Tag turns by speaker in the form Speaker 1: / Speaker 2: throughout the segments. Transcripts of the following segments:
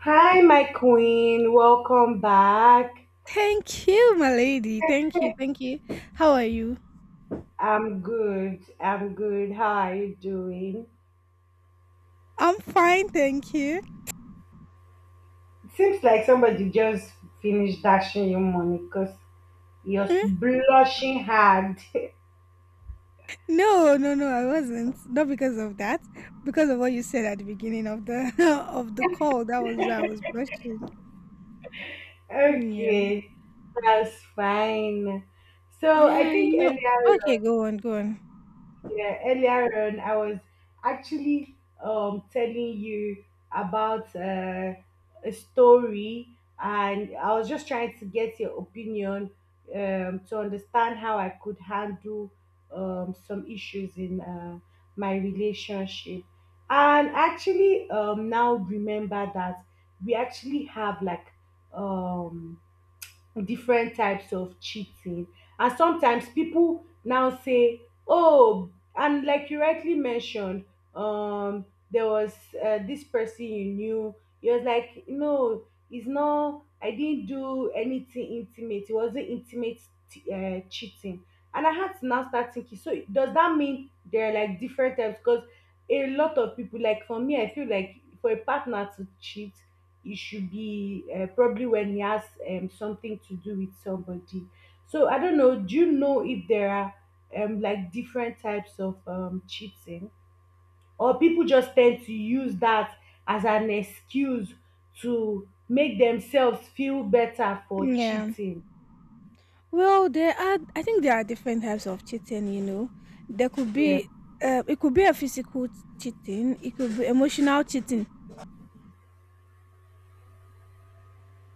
Speaker 1: Hi, my queen. Welcome back.
Speaker 2: Thank you, my lady. Thank you. Thank you. How are you?
Speaker 1: I'm good. I'm good. How are you doing?
Speaker 2: I'm fine, thank you.
Speaker 1: It seems like somebody just finished dashing you money because you're
Speaker 2: Eh?
Speaker 1: blushing hard.
Speaker 2: No, no, no, I wasn't. Not because of that. Because of what you said at the beginning of the of the call. That was why I was blushing. Yeah.
Speaker 1: Okay, that's fine. So I
Speaker 2: Yeah,
Speaker 1: think
Speaker 2: you know.
Speaker 1: earlier
Speaker 2: Okay, go on, go on.
Speaker 1: yeah, earlier on, I was actually, telling you about a story, and I was just trying to get your opinion, to understand how I could handle, some issues in my relationship. And actually, now remember that we actually have like, um, different types of cheating. And sometimes people now say, oh, and like you rightly mentioned, there was this person you knew. He was like, no, it's not, I didn't do anything intimate. It wasn't intimate cheating. And I had to now start thinking, so does that mean there are like different types? Because a lot of people, like for me, I feel like for a partner to cheat, it should be probably when he has, something to do with somebody. So I don't know. Do you know if there are, like different types of, cheating, or people just tend to use that as an excuse to make themselves feel better for
Speaker 2: Yeah.
Speaker 1: cheating?
Speaker 2: Well, I think there are different types of cheating, you know. There could
Speaker 1: Yeah,
Speaker 2: be, it could be a cheating, it could be emotional cheating.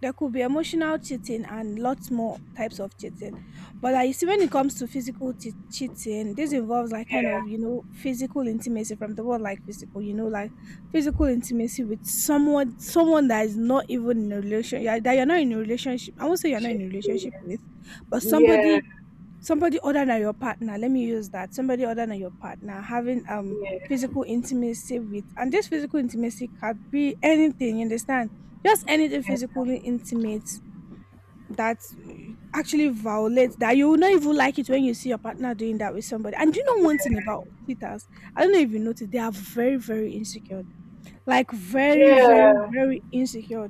Speaker 2: There could be emotional cheating and lots more types of cheating. But like, you see, when it comes to cheating, this involves like kind of, you know, physical intimacy from the word like physical, you know, like physical intimacy with someone, someone that is not even in a relationship, that you're not in a relationship. I won't say you're not
Speaker 1: yeah,
Speaker 2: in a relationship with, but
Speaker 1: yeah,
Speaker 2: somebody other than your partner. Let me use that, somebody other than your partner having
Speaker 1: yeah,
Speaker 2: physical intimacy with. And this physical intimacy can be anything, you understand, just anything physically intimate that uh, actually violates, that you will not even like it when you see your partner doing that with somebody. And do you know one thing about cheaters? I don't know if you noticed, they are very insecure, like very very
Speaker 1: yeah,
Speaker 2: very insecure.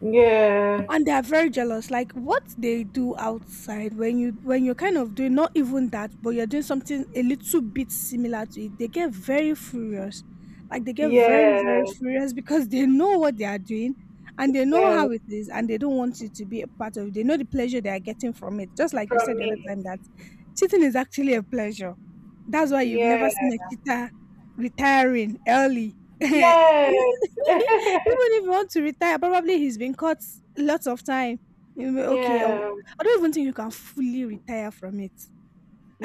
Speaker 1: yeah,
Speaker 2: And they are very jealous. Like what they do outside, when you're kind of doing not even that, but you're doing something a little bit similar to it, they get very furious. Like they get very
Speaker 1: yeah.
Speaker 2: furious because they know what they are doing, and they know
Speaker 1: Yeah,
Speaker 2: how it is, and they don't want you to be a part of it. They know the pleasure they are getting from it. Just like you said
Speaker 1: from
Speaker 2: the other
Speaker 1: me,
Speaker 2: time, that cheating is actually a pleasure. That's why you've
Speaker 1: yeah,
Speaker 2: never seen a cheater retiring early. Even
Speaker 1: yeah.
Speaker 2: if you want to retire, probably he's been caught lots of time. You'll be, okay, I'll-
Speaker 1: Yeah,
Speaker 2: I i do not even think you can fully retire from it.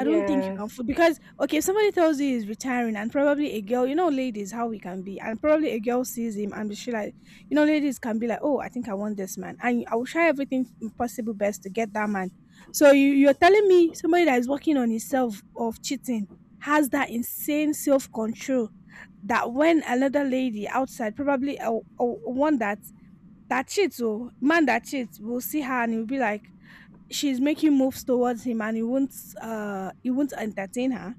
Speaker 2: I don't think you can fully, because okay, if somebody tells you he's retiring, and probably a girl, you know, ladies how we can be, and probably a girl sees him and she like, you know, ladies can be like, oh, I think I want this man, and I will try everything possible best to get that man. So you're telling me somebody that is working on himself of cheating has that insane self control, that when another lady outside, probably a one that cheats, or man that cheats, will see her and he'll be like, she's making moves towards him, and he won't entertain her.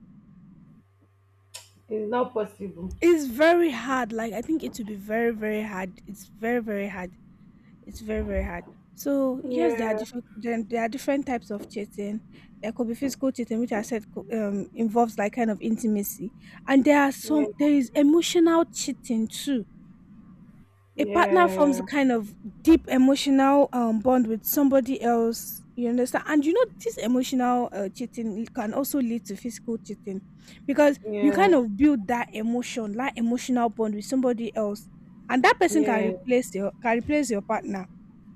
Speaker 1: it's not possible.
Speaker 2: It's very hard. Like I think it will be very hard. It's very hard. It's very hard. So yes,
Speaker 1: Yeah,
Speaker 2: there, there are different types of cheating. There could be physical cheating, which I said involves like kind of intimacy, and there are
Speaker 1: yeah,
Speaker 2: some there is emotional cheating too. A partner forms a
Speaker 1: yeah,
Speaker 2: kind of deep emotional bond with somebody else, you understand. And you know this emotional cheating can also lead to physical cheating, because you
Speaker 1: yeah,
Speaker 2: kind of build that emotional bond with somebody else, and that person can
Speaker 1: yeah,
Speaker 2: replace your can replace your partner.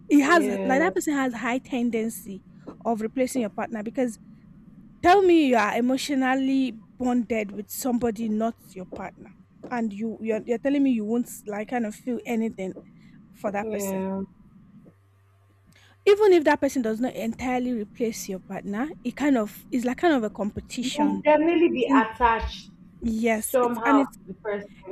Speaker 2: It has like
Speaker 1: yeah,
Speaker 2: That person has high tendency of replacing your partner, because tell me you are emotionally bonded with somebody, not your partner, and you're telling me you won't like kind of feel anything for that person,
Speaker 1: yeah.
Speaker 2: even if that person does not entirely replace your partner. It kind of is like kind of a
Speaker 1: You'll
Speaker 2: competition
Speaker 1: definitely be
Speaker 2: between,
Speaker 1: attached
Speaker 2: yes,
Speaker 1: somehow to
Speaker 2: it's,
Speaker 1: the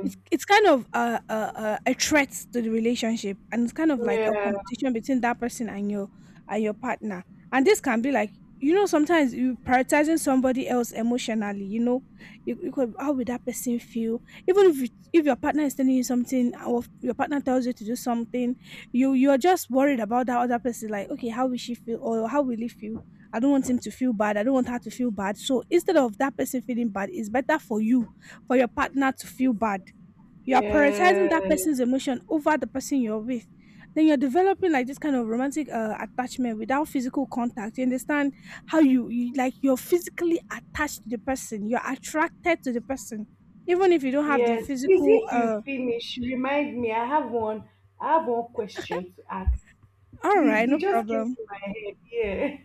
Speaker 2: it's it's kind of a threat to the relationship, and it's kind of like a
Speaker 1: Yeah,
Speaker 2: competition between that person and your partner. And this can be like, you know, sometimes you prioritizing somebody else emotionally. You know, you could how would that person feel? Even if if your partner is telling you something, or if your partner tells you to do something, you are just worried about that other person. Like, okay, how will she feel, or how will he feel? I don't want him to feel bad. I don't want her to feel bad. So instead of that person feeling bad, it's better for you, for your partner to feel bad. You are prioritizing
Speaker 1: yeah,
Speaker 2: that person's emotion over the person you're with. Then you're developing like this kind of romantic attachment without physical contact, you understand? How you like you're physically attached to the person, you're attracted to the person, even if you don't have the
Speaker 1: yes. Please,
Speaker 2: physical
Speaker 1: if you
Speaker 2: uh
Speaker 1: finish, remind me. I have one question to ask.
Speaker 2: All
Speaker 1: Please,
Speaker 2: right,
Speaker 1: it
Speaker 2: no
Speaker 1: just came
Speaker 2: problem.
Speaker 1: to my head. Yeah,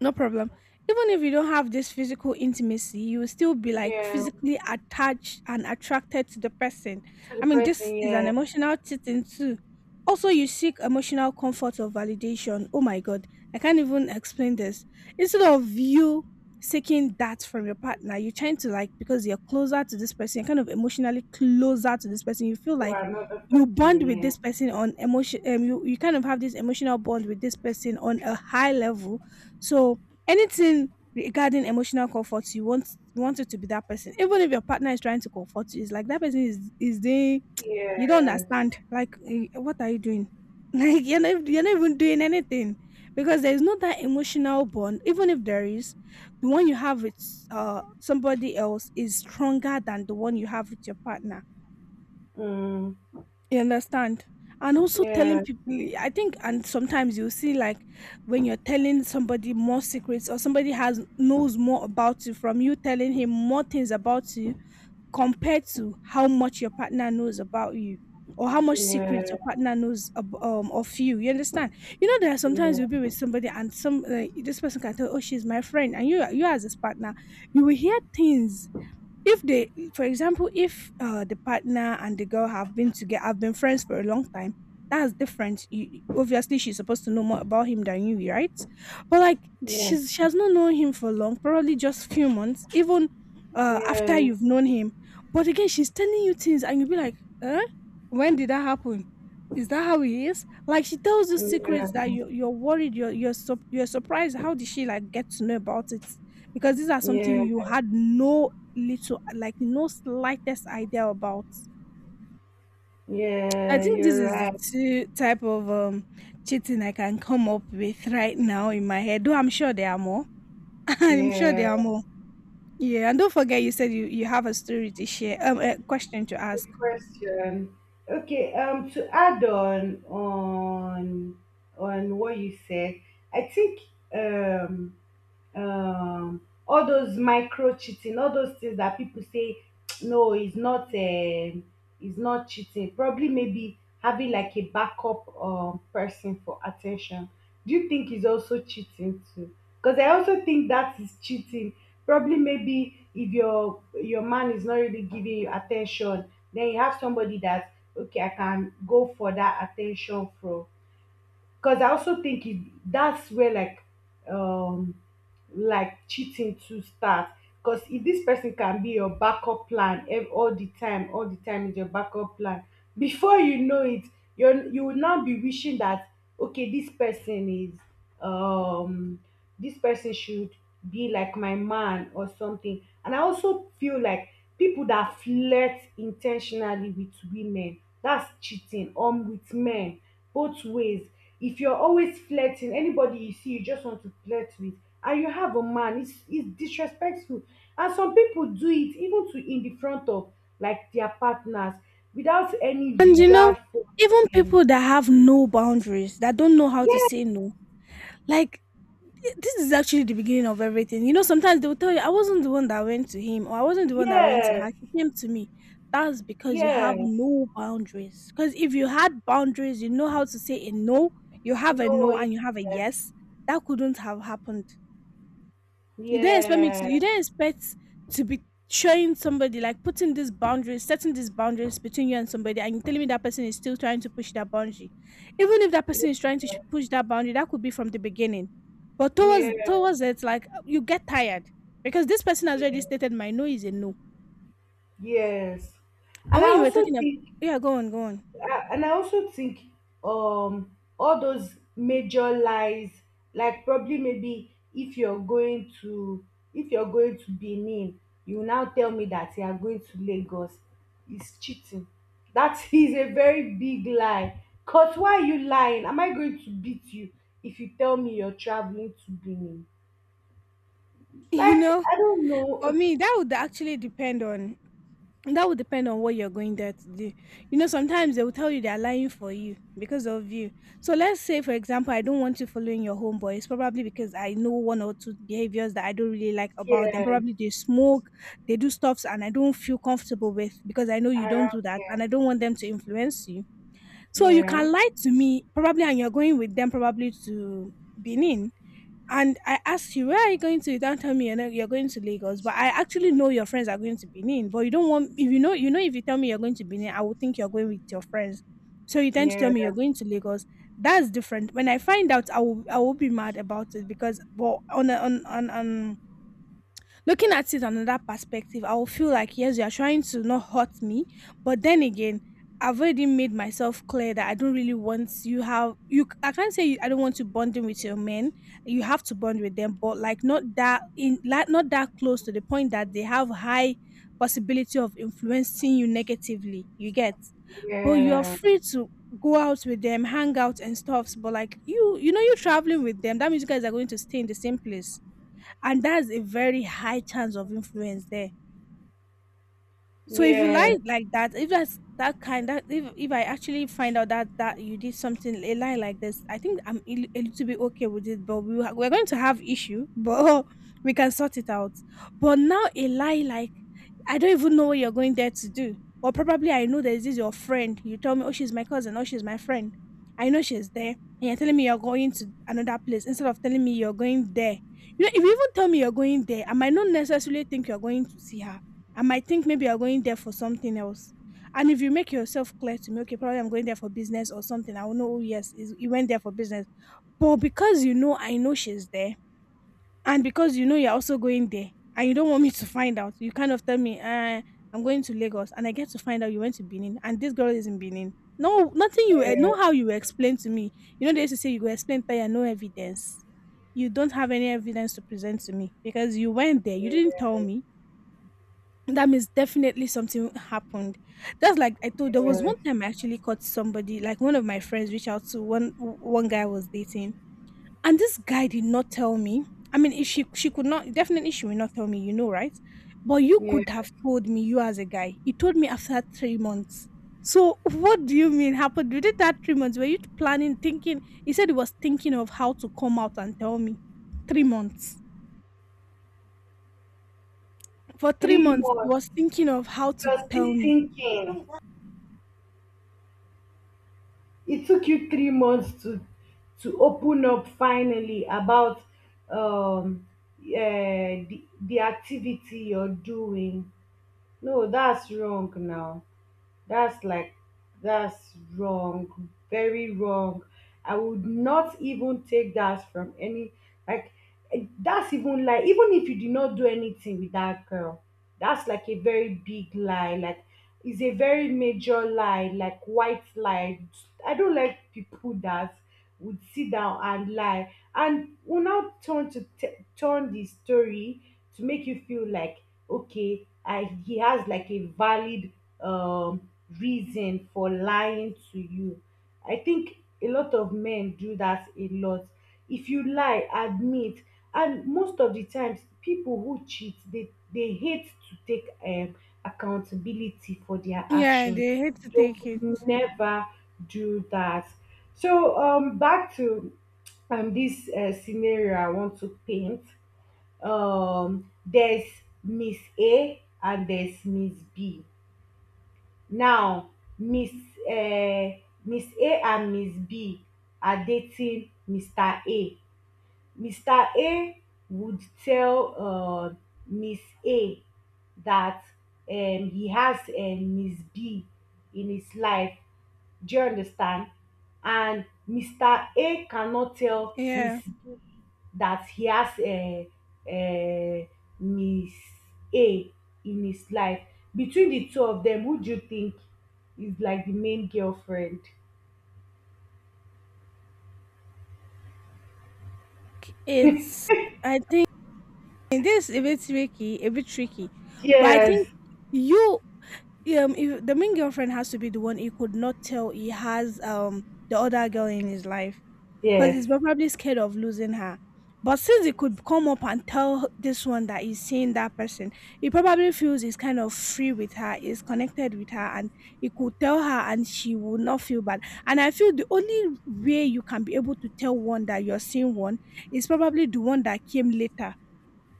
Speaker 2: No problem. Even if you don't have this physical intimacy, you will still be like
Speaker 1: yeah.
Speaker 2: physically attached and attracted to the person.
Speaker 1: To the
Speaker 2: I mean,
Speaker 1: person,
Speaker 2: this is an
Speaker 1: yeah.
Speaker 2: emotional thing too. Also, you seek emotional comfort or validation. Oh my God, I can't even explain this. Instead of you seeking that from your partner, you're trying to like, because you're closer to this person, you're kind of emotionally closer to this person. You feel
Speaker 1: To
Speaker 2: like
Speaker 1: another
Speaker 2: you bond
Speaker 1: person,
Speaker 2: with
Speaker 1: yeah.
Speaker 2: this person on emotion. You you kind of have this emotional bond with this person on a high level. So anything regarding emotional comfort, you want it to be that person. Even if your partner is trying to comfort you, it's like that person is they You don't
Speaker 1: Yes.
Speaker 2: understand. Like eh, what are you doing? Like you're not even doing anything. Because there is not that emotional bond, even if there is, the one you have with somebody else is stronger than the one you have with your partner,
Speaker 1: Mm,
Speaker 2: you understand? And also telling
Speaker 1: yeah,
Speaker 2: people, I think, and sometimes you see like when you're telling somebody more secrets, or somebody has knows more about you from you telling him more things about you, compared to how much your partner knows about you, or how much secrets
Speaker 1: yeah,
Speaker 2: your partner knows of you. You understand? You know, there are sometimes
Speaker 1: yeah,
Speaker 2: you'll be with somebody and some like, this person can tell, oh, she's my friend, and you as his partner, you will hear things if they, for example, if the partner and the girl have been friends for a long time. That's different. You, obviously she's supposed to know more about him than you, right? But like
Speaker 1: yeah,
Speaker 2: she has not known him for long, probably just few months even after
Speaker 1: yeah,
Speaker 2: you've known him. But again, she's telling you things and you'll be like, huh, when did that happen? Is that how he is? Like she tells you
Speaker 1: yeah,
Speaker 2: secrets that you're worried you're, sup you're surprised, how did she like get to know about it, because these are something
Speaker 1: yeah,
Speaker 2: you had no little, like no slightest idea about. I
Speaker 1: yeah,
Speaker 2: think this
Speaker 1: you're
Speaker 2: is the
Speaker 1: right.
Speaker 2: two type of cheating I can come up with right now in my head. Though I'm sure there are more. I'm sure
Speaker 1: Yeah,
Speaker 2: there are more. Yeah, and don't forget you said you have a story to share, a question to
Speaker 1: good
Speaker 2: ask.
Speaker 1: question. Okay, to add on on what you said, I think, um um all those micro cheating, all those things that people say, no, it's not, it's not cheating, probably maybe having like a backup person for attention. Do you think is also cheating too? Because I also think that is cheating, probably maybe if your man is not really giving you attention, then you have somebody that, okay, I can go for that attention from, because I also think it, that's where um like cheating to start. Because if this person can be your backup plan all the time is your backup plan. Before you know it, you will now be wishing that, okay, um this person should be like my man or something. And I also feel like people that flirt intentionally with women, that's cheating. With men, both ways. If you're always flirting, anybody you see, you just want to flirt with, and you have a man, it's disrespectful. And some people do it even to in the front of like their partners without any
Speaker 2: And you know,
Speaker 1: regard for
Speaker 2: even
Speaker 1: them.
Speaker 2: people that have no boundaries, that don't know how to
Speaker 1: Yes,
Speaker 2: say no, like this is actually the beginning of everything. You know, sometimes they will tell you, I wasn't the one that went to him, or I wasn't the one that went to
Speaker 1: yes,
Speaker 2: her. She came to me. That's because you have
Speaker 1: yes.
Speaker 2: no boundaries. Because if you had boundaries, you know how to say a no, you have a
Speaker 1: No,
Speaker 2: no
Speaker 1: yes,
Speaker 2: and you have a yes. That couldn't have happened. You didn't expect me to.
Speaker 1: yes,
Speaker 2: You didn't expect to be showing somebody like putting these boundaries, setting these boundaries between you and somebody, and you're telling me that person is still trying to push that boundary. Even if that person is trying to push that boundary, that could be from the beginning. But
Speaker 1: yes,
Speaker 2: towards it, like you get tired, because this person has already
Speaker 1: yes.
Speaker 2: stated my no is a no.
Speaker 1: Yes. And
Speaker 2: And when
Speaker 1: I
Speaker 2: you were
Speaker 1: also
Speaker 2: talking about,
Speaker 1: think.
Speaker 2: yeah, go on, go on.
Speaker 1: And I also think, all those major lies, like probably maybe if you're going to Benin, you now tell me that you are going to Lagos is cheating. That is a very big lie. Cause why are you lying? Am I going to beat you if you tell me you're traveling to Benin?
Speaker 2: You
Speaker 1: Like
Speaker 2: know,
Speaker 1: I don't know.
Speaker 2: for me that would actually depend on, that would depend on what you're going there to do. You know, sometimes they will tell you they're lying for you, because of you. So let's say, for example, I don't want you following your homeboy. It's probably because I know one or two behaviors that I don't really like about them.
Speaker 1: Yes,
Speaker 2: Probably they smoke, they do stuffs, and I don't feel comfortable with, because I know you don't do
Speaker 1: around
Speaker 2: that,
Speaker 1: here.
Speaker 2: and I don't want them to influence you. So you
Speaker 1: Yeah,
Speaker 2: can lie to me probably, and you're going with them probably to Benin, and I asked you, where are you going to? You don't tell me you're, not, you're going to Lagos, but I actually know your friends are going to Benin. But you don't want, if you know, you know, if you tell me you're going to Benin, I would think you're going with your friends. So you tend to
Speaker 1: yeah,
Speaker 2: tell me you're going to Lagos. That's different. When I find out, I will be mad about it because, but on, a- on, on looking at it another perspective, I will feel like yes, you are trying to not hurt me, but then again, I've already made myself clear that I don't really want you have you. I can't say you, I don't want to bonding with your men. You have to bond with them, but like not that in like not that close to the point that they have high possibility of influencing you negatively. You get, but you are
Speaker 1: yeah,
Speaker 2: free to go out with them, hang out and stuffs. But like you know, you traveling with them. That means you guys are going to stay in the same place, and that's a very high chance of influence there. So if you
Speaker 1: yeah,
Speaker 2: lie like that, if that's that kind, that if I actually find out that you did something a lie like this, I think I'm a li- a little bit okay with it. But we ha- we're going to have issue, but we can sort it out. But now a lie like I don't even know what you're going there to do, or probably I know there's this your friend. You tell me, oh she's my cousin, oh she's my friend. I know she's there, and you're telling me you're going to another place instead of telling me you're going there. You know, if you even tell me you're going there, I might not necessarily think you're going to see her. I might think maybe you're going there for something else. And if you make yourself clear to me, okay, probably I'm going there for business or something, I will know, oh, yes, is- he went there for business. But because you know, I know she's there, and because you know you're also going there, and you don't want me to find out, you kind of tell me, I'm going to Lagos, and I get to find out you went to Benin, and this girl is in Benin. No, nothing you eh, know how you explain to me. You know, they used to say you go explain by no evidence. You don't have any evidence to present to me because you went there, you didn't
Speaker 1: yeah,
Speaker 2: tell me, that means definitely something happened. That's like I told there was
Speaker 1: yeah.
Speaker 2: one time I actually caught somebody, like one of my friends reached out to one guy I was dating. And this guy did not tell me. I mean, if she could not definitely she will not tell me, you know, right? But you could
Speaker 1: Yeah.
Speaker 2: have told me, you as a guy. He told me after 3 months. So what do you mean happened within that 3 months? Were you planning, thinking? He said he was thinking of how to come out and tell me. 3 months. For three
Speaker 1: Three
Speaker 2: months, he
Speaker 1: months.
Speaker 2: was thinking of how to
Speaker 1: You're still
Speaker 2: tell me.
Speaker 1: thinking. It took you 3 months to open up finally about um the activity you're doing. No, that's wrong now. That's like, that's wrong, very wrong. I would not even take that from any, like, that's even like, even if you did not do anything with that girl, that's like a very big lie. Like, it's a very major lie, like white lie. I don't like people that would sit down and lie and will now turn to turn the story to make you feel like, okay, he has like a valid um reason for lying to you. I think a lot of men do that a lot. If you lie, admit. And most of the times, people who cheat, they hate to take, accountability for their
Speaker 2: Yeah,
Speaker 1: actions.
Speaker 2: they hate to
Speaker 1: They
Speaker 2: take it.
Speaker 1: would never do that. So, back to, this scenario I want to paint. There's Miss A and there's Miss B. Now, Miss ms A and Miss B are dating Mr. A. Mr. A would tell, Ms. A, that, he has, Ms. B in his life. Do you understand? And Mr. A cannot tell Miss
Speaker 2: Yeah,
Speaker 1: B that he has a Miss A in his life. Between the two of them, who do you think is like the main girlfriend?
Speaker 2: it's. I think this is a bit tricky, but I think
Speaker 1: Yes,
Speaker 2: you if the main girlfriend has to be the one he could not tell he has the other girl in his life, because
Speaker 1: yes.
Speaker 2: he's probably scared of losing her, but since he could come up and tell this one that he's seeing that person, he probably feels he's kind of free with her, is connected with her, and he could tell her and she will not feel bad. And I feel the only way you can be able to tell one that you're seeing one is probably the one that came later.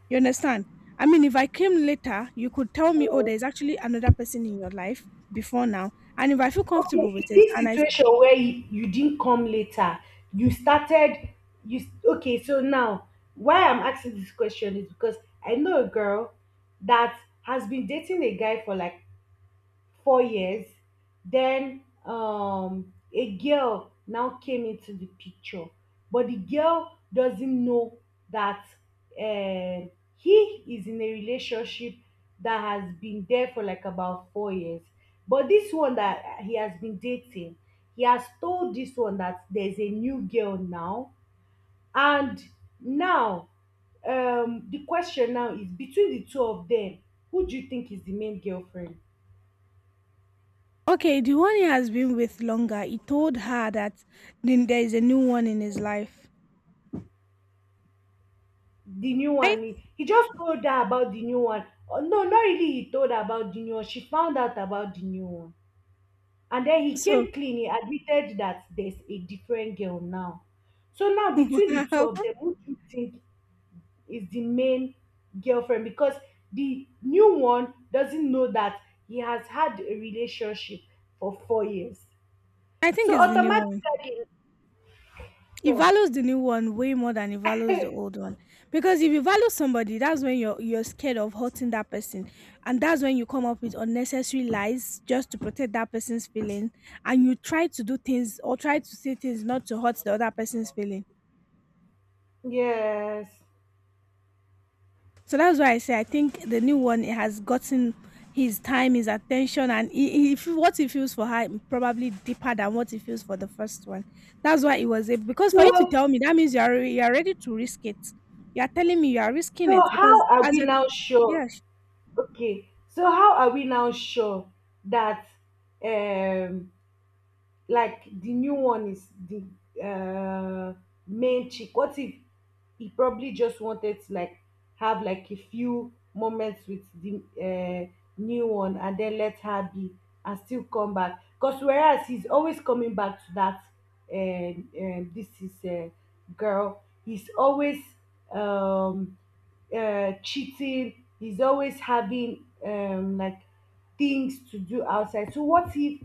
Speaker 2: You understand? I mean, if I came later, you could tell me, oh, there's actually another person in your life before now. And if I feel comfortable
Speaker 1: Okay, in
Speaker 2: with it,
Speaker 1: this
Speaker 2: and I,
Speaker 1: situation where you didn't come later, you started, you, okay, so now, why I'm asking this question is because I know a girl that has been dating a guy for like 4 years. Then, a girl now came into the picture, but the girl doesn't know that uh he is in a relationship that has been there for like about 4 years. But this one that he has been dating, he has told this one that there's a new girl now. And now, the question now is between the two of them, who do you think is the main girlfriend?
Speaker 2: okay, the one he has been with longer, he told her that then there is a new one in his life,
Speaker 1: The new
Speaker 2: right?
Speaker 1: one? He just told her about the new one. Oh, no, not really, he told her about the new one. She found out about the new one, and then he
Speaker 2: So,
Speaker 1: came clean, he admitted that there's a different girl now. So now, between the two
Speaker 2: wow,
Speaker 1: of them, who do you think is the main girlfriend? Because the new one doesn't know that he has had a relationship for 4 years.
Speaker 2: I think
Speaker 1: So
Speaker 2: it's the new one.
Speaker 1: automatically,
Speaker 2: He
Speaker 1: so
Speaker 2: values the new one way more than he values the old one, because if you value somebody, that's when you're scared of hurting that person, and that's when you come up with unnecessary lies just to protect that person's feeling, and you try to do things or try to say things not to hurt the other person's feeling.
Speaker 1: yes,
Speaker 2: So that's why I say I think the new one has gotten his time, his attention, and he feel- what he feels for her probably deeper than what he feels for the first one. That's why it was able. Because for you to
Speaker 1: so
Speaker 2: tell me that means you are re- you are ready to risk it. You are telling me you are risking it
Speaker 1: so
Speaker 2: because
Speaker 1: how are
Speaker 2: as
Speaker 1: we
Speaker 2: you,
Speaker 1: now sure?
Speaker 2: yeah.
Speaker 1: Okay, so how are we now sure that, um like the new one is the main chick? What if he probably just wanted to like have like a few moments with the new one and then let her be and still come back? Because whereas he's always coming back to that, this is a girl. He's always, um, cheating. He's always having, like things to do outside. So what if,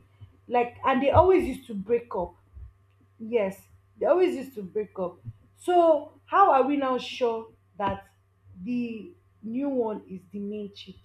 Speaker 1: like, and they always used to break up, yes, they always used to break up. So how are we now sure that the new one is the main chick?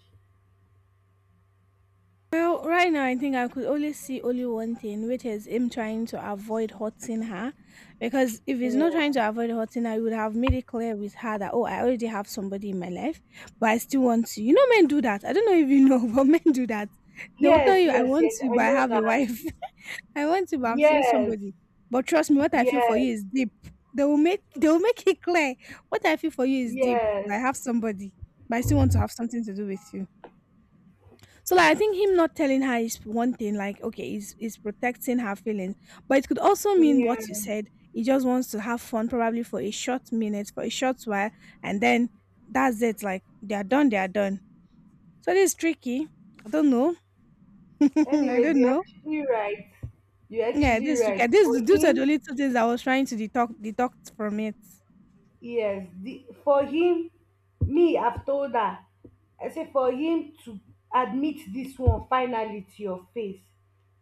Speaker 2: Well, right now, I think I could only see only one thing, which is him trying to avoid hurting her. Because if he's
Speaker 1: Yeah.
Speaker 2: not trying to avoid hurting her, he would have made it clear with her that, oh, I already have somebody in my life, but I still want you. You know, men do that. I don't know if you know, but men do that. They will tell
Speaker 1: Yes,
Speaker 2: you, I
Speaker 1: yes,
Speaker 2: want
Speaker 1: yes,
Speaker 2: you,
Speaker 1: I
Speaker 2: but I
Speaker 1: know
Speaker 2: have a
Speaker 1: that.
Speaker 2: wife. I want you, but I'm seeing
Speaker 1: Yes,
Speaker 2: somebody. But trust me, what I feel for
Speaker 1: yes,
Speaker 2: you is deep. They will make it clear. What I feel for you is deep,
Speaker 1: yes.
Speaker 2: but I have somebody, but I still want to have something to do with you. So like I think him not telling her is one thing, like okay, is protecting her feelings. But it could also mean what you
Speaker 1: Yeah,
Speaker 2: said. He just wants to have fun probably for a short minute, for a short while, and then that's it. Like they are done, they are done. So this is tricky. I don't know. I
Speaker 1: anyways,
Speaker 2: don't
Speaker 1: you're
Speaker 2: know.
Speaker 1: actually right. You're
Speaker 2: Yeah,
Speaker 1: actually
Speaker 2: this is tricky.
Speaker 1: right
Speaker 2: This
Speaker 1: for
Speaker 2: these are the
Speaker 1: him.
Speaker 2: only two things I was trying to detox from it.
Speaker 1: Yes, the for him, me, I've told her, I say for him to admit this one finally to your face,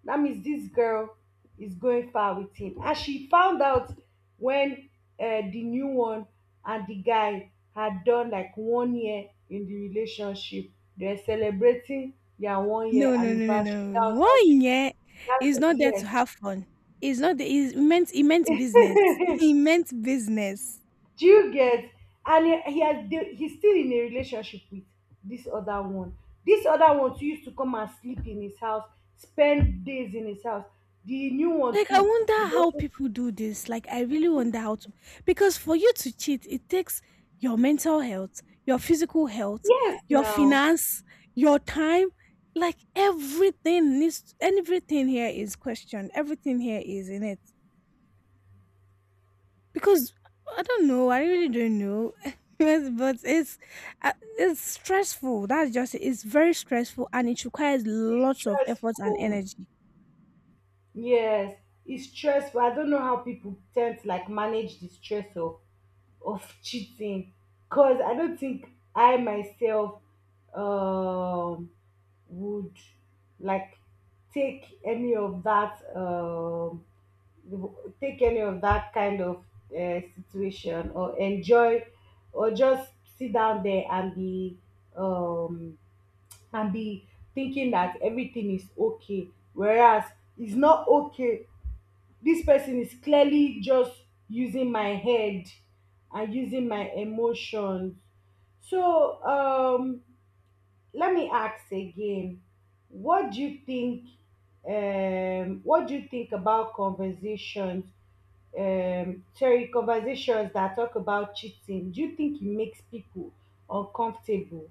Speaker 1: that means this girl is going far with him. And she found out when, the new one and the guy had done like 1 year in the relationship, they're celebrating their 1 year
Speaker 2: No, no, no, no,
Speaker 1: anniversary, that
Speaker 2: no.
Speaker 1: was how
Speaker 2: One
Speaker 1: she,
Speaker 2: yeah is
Speaker 1: that's,
Speaker 2: not there to
Speaker 1: yes.
Speaker 2: have fun. It's not the, it's meant it meant business. He meant business.
Speaker 1: Do you get? And he's still in a relationship with this other one. This other one too used to come and sleep in his house, spend days in his house. The new one
Speaker 2: Like I
Speaker 1: too
Speaker 2: wonder
Speaker 1: would
Speaker 2: how
Speaker 1: also,
Speaker 2: people do this. Like I really wonder how to because for you to cheat, it takes your mental health, your physical health,
Speaker 1: yes,
Speaker 2: your
Speaker 1: now,
Speaker 2: finance, your time, like everything needs everything here is questioned. Everything here is in it. Because I don't know, I really don't know. Yes, but it's stressful. That's just it. It's very stressful and it requires
Speaker 1: it's
Speaker 2: lots of effort and
Speaker 1: stressful.
Speaker 2: energy.
Speaker 1: Yes, it's stressful, I don't know how people tend to like manage the stress of cheating, because I don't think I myself, um would like take any of that take any of that kind of situation, or enjoy or just sit down there and be, um and be thinking that everything is okay, whereas it's not okay, this person is clearly just using my head and using my emotions. So, let me ask again, what do you think what do you think about conversations that talk about cheating. Do you think it makes people uncomfortable,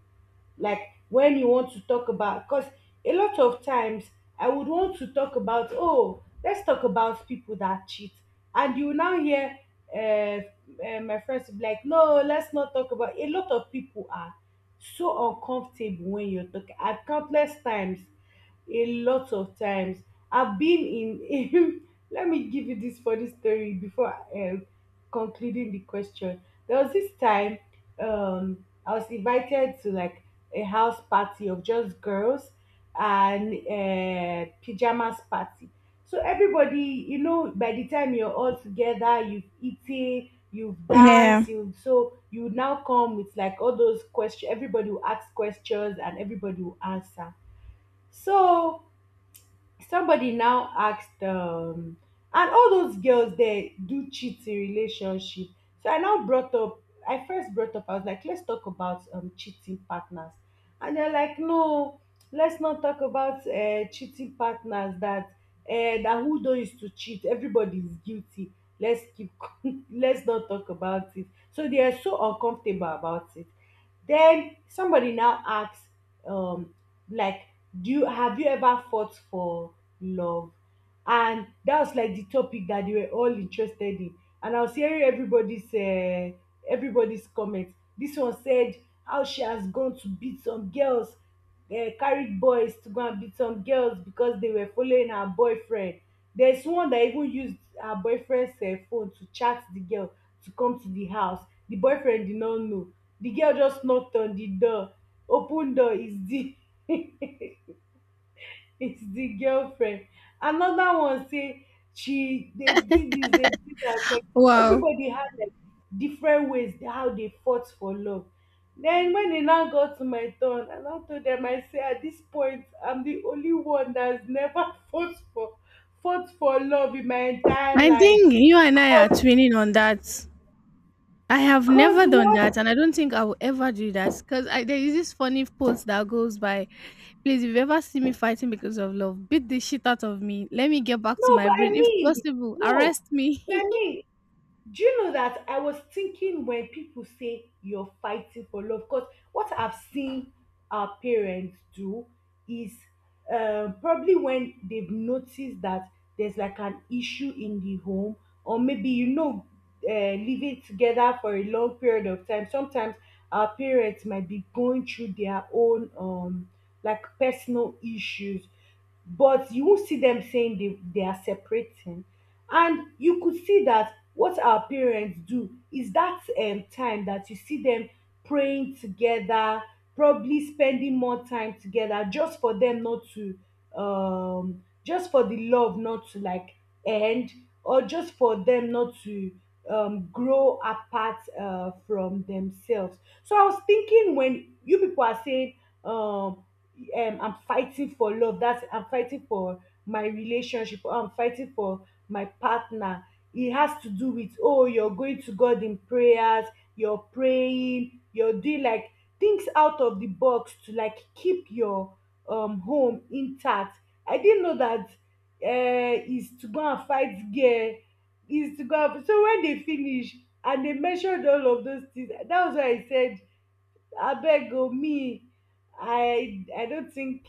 Speaker 1: like when you want to talk about, because a lot of times, I would want to talk about, oh, let's talk about people that cheat, and you now hear, uh, my friends will be like, no, let's not talk about, a lot of people are so uncomfortable when you're talking. And countless times, a lot of times, I've been in. Let me give you this funny story before, concluding the question. There was this time, I was invited to like a house party of just girls, and pajamas party. So everybody, by the time you're all together, you've eaten, you've
Speaker 2: Yeah.
Speaker 1: danced, you, so you now come with like all those questions. Everybody will ask questions and everybody will answer. So somebody now asked, and all those girls there do cheat in relationship. So I now brought up, I first brought up, I was like, let's talk about cheating partners. And they're like, no, let's not talk about cheating partners, that that who don't used to cheat, everybody is guilty. Let's keep let's not talk about it. So they are so uncomfortable about it. Then somebody now asks, um like, do you have you ever fought for love? And that was like the topic that they were all interested in. And I was hearing everybody's comment. This one said how she has gone to beat some girls, carried boys to go and beat some girls because they were following her boyfriend. There's one that even used her boyfriend's phone to chat the girl to come to the house. The boyfriend did not know. The girl just knocked on the door. Open door is the it's the girlfriend. Another one say she, they did this, they did that. Like
Speaker 2: Wow.
Speaker 1: everybody had like different ways how they fought for love. Then when it now got to my turn, and I told them, I say, at this point I'm the only one that's never fought for love in my entire
Speaker 2: I
Speaker 1: life.
Speaker 2: think you and I
Speaker 1: Cause,
Speaker 2: are twinning on that. I have
Speaker 1: cause
Speaker 2: never done
Speaker 1: what?
Speaker 2: that, and I don't think I will ever do that because there is this funny post that goes by, please, if you ever see me fighting because of love, beat the shit out of me. Let me get back to
Speaker 1: No,
Speaker 2: my
Speaker 1: but
Speaker 2: brain.
Speaker 1: I
Speaker 2: If
Speaker 1: mean,
Speaker 2: possible,
Speaker 1: no,
Speaker 2: arrest me.
Speaker 1: but I mean, do you know that I was thinking when people say you're fighting for love, because what I've seen our parents do is probably when they've noticed that there's like an issue in the home, or maybe you know, living together for a long period of time. Sometimes our parents might be going through their own like personal issues, but you won't see them saying they are separating. And you could see that what our parents do is that time that you see them praying together, probably spending more time together, just for them not to just for the love not to like end, or just for them not to grow apart from themselves. So I was thinking when you people are saying, um I'm fighting for love, that's I'm fighting for my relationship, or I'm fighting for my partner, it has to do with, oh, you're going to God in prayers, you're praying, you're doing like things out of the box to like keep your home intact. I didn't know that is to go and fight gear, is to go. And so when they finish and they measured all of those things, that was why I said, abeg o, me, I no think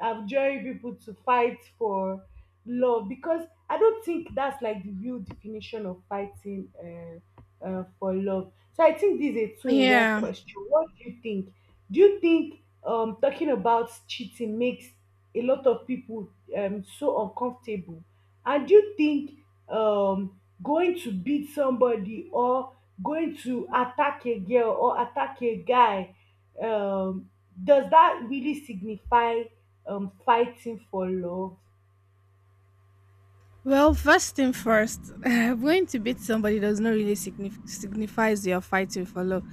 Speaker 1: I'm joining people to fight for love, because I don't think that's like the real definition of fighting for love. So I think this is a two in one
Speaker 2: yeah.
Speaker 1: question. What do you think? Do you think talking about cheating makes a lot of people so uncomfortable? And do you think going to beat somebody, or going to attack a girl or attack a guy, um does that really signify fighting for love?
Speaker 2: Well, first thing first, going to beat somebody does not really signif- signifies you are fighting for love.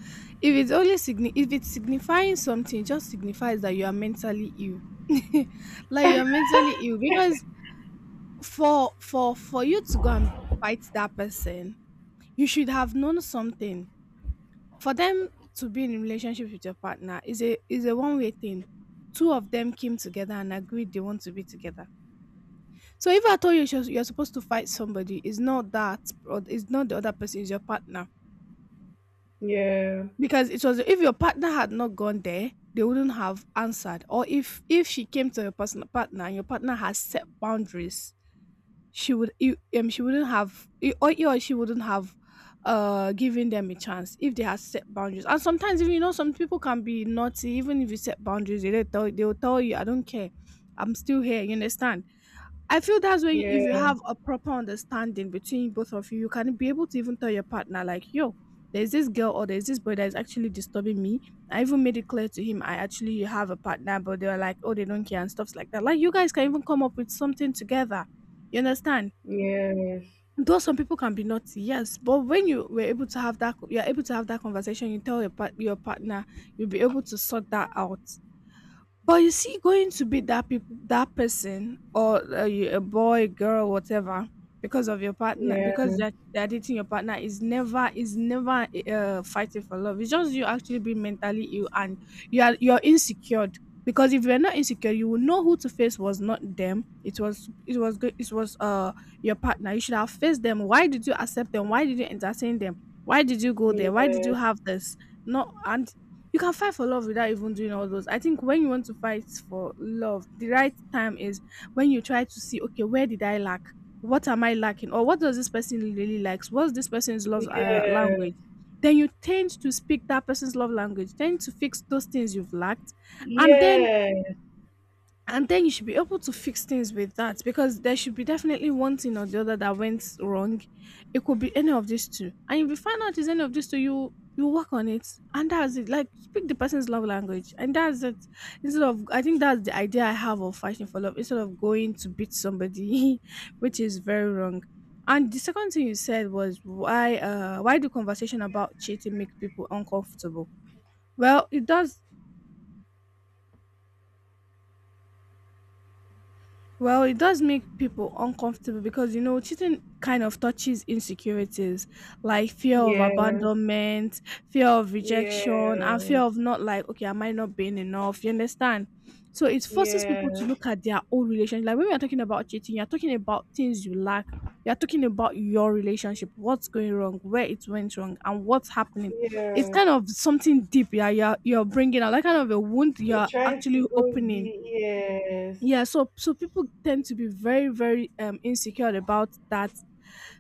Speaker 2: If it's only signi- if it's signifying something, it just signifies that you are mentally ill. Like you're mentally ill because for you to go and fight that person, you should have known something. For them to be in a relationship with your partner is a one way thing. Two of them came together and agreed they want to be together. So if I told you, you're supposed to fight somebody, it's not that, or it's not the other person, it's your partner.
Speaker 1: Yeah,
Speaker 2: Because it was, if your partner had not gone there, they wouldn't have answered. Or if she came to your partner and your partner has set boundaries, she would she wouldn't have you, or she wouldn't have given them a chance if they had set boundaries. And sometimes, if you know, some people can be naughty. Even if you set boundaries, they tell they'll tell you, I don't care, I'm still here, you understand. I feel that's when, if you
Speaker 1: yeah,
Speaker 2: have a proper understanding between both of you, you can be able to even tell your partner, like, yo, there's this girl or there's this boy that is actually disturbing me, I even made it clear to him, I actually have a partner, but they were like, oh, they don't care and stuffs like that. Like, you guys can even come up with something together, you understand.
Speaker 1: yes, yeah,
Speaker 2: Though some people can be naughty, yes, but when you were able to have that, you're able to have that conversation, you tell your your partner, you'll be able to sort that out. But you see, going to be that people, that person, or a boy, girl, whatever, because of your partner,
Speaker 1: yes, yes,
Speaker 2: because they're dating your partner, is never fighting for love. It's just you actually being mentally ill, and you are, you're insecure. Because if you're not insecure, you will know who to face was not them. It was, it was your partner. You should have faced them. Why did you accept them? Why did you entertain them? Why did you go there? Why did you have this? No. And you can fight for love without even doing all those. I think when you want to fight for love, the right time is when you try to see, okay, where did I lack? What am I lacking? Or what does this person really likes? What's this person's
Speaker 1: yes,
Speaker 2: love language?
Speaker 1: yes,
Speaker 2: Then you tend to speak that person's love language, tend to fix those things you've lacked, and then you should be able to fix things with that, because there should be definitely one thing or the other that went wrong. It could be any of these two, and if you find out it's any of these two, you work on it, and that's it. Like, speak the person's love language, and that's it. Instead of, I think that's the idea I have of fighting for love, instead of going to beat somebody, which is very wrong. And the second thing you said was, why do conversation about cheating make people uncomfortable? Well, it does. Well, it does make people uncomfortable because, you know, cheating kind of touches insecurities, like fear of abandonment, fear of rejection, and fear of not, like, okay, am I not being enough? You understand? So it forces people to
Speaker 1: yes,
Speaker 2: look at their own relationship. Like, when we are talking about cheating, you're talking about things you lack. You're talking about your relationship, what's going wrong, where it went wrong, and what's happening.
Speaker 1: yes,
Speaker 2: It's
Speaker 1: yes.
Speaker 2: kind of something deep. Yeah, you're bringing out that kind of a wound,
Speaker 1: You're
Speaker 2: you're
Speaker 1: trying to
Speaker 2: actually
Speaker 1: go
Speaker 2: opening.
Speaker 1: the yes,
Speaker 2: Yeah, so people tend to be very, very insecure about that.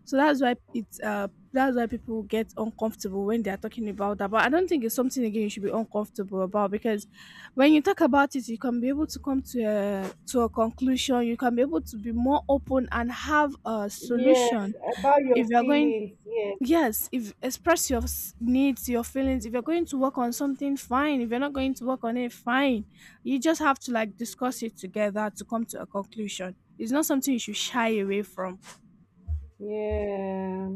Speaker 2: So that's why it's that's why people get uncomfortable when they're talking about that. But I don't think it's something, again, you should be uncomfortable about, because when you talk about it, you can be able to come to a conclusion. You can be able to be more open and have a
Speaker 1: yes,
Speaker 2: solution.
Speaker 1: about your
Speaker 2: If you're going
Speaker 1: feelings, yes,
Speaker 2: Yes, if express your needs, your feelings. If you're going to work on something, fine. If you're not going to work on it, fine. You just have to, like, discuss it together to come to a conclusion. It's not something you should shy away from.
Speaker 1: yeah.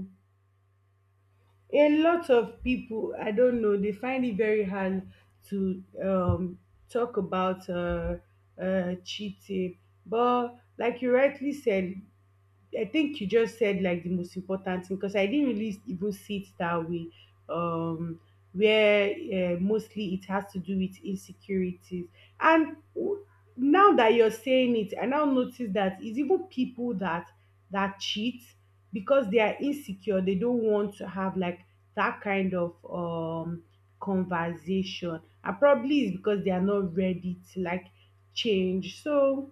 Speaker 1: A lot of people, I don't know, they find it very hard to talk about cheating. But like you rightly said, I think you just said like the most important thing, because I didn't really even see it that way. Um, where mostly it has to do with insecurities. And now that you're saying it, I now notice that it's even people that that cheat because they are insecure. They don't want to have like that kind of conversation, and probably it's because they are not ready to like change. So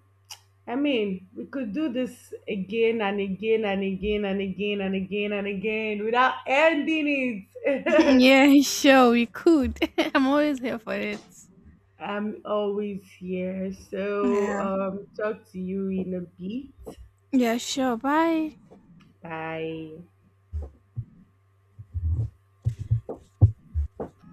Speaker 1: I mean, we could do this again and again and again and again and again and again without ending it.
Speaker 2: Yeah, sure, we could. I'm always here for it.
Speaker 1: I'm always here. So,
Speaker 2: Yeah.
Speaker 1: talk to you in a bit.
Speaker 2: Yeah, sure. Bye.
Speaker 1: Bye.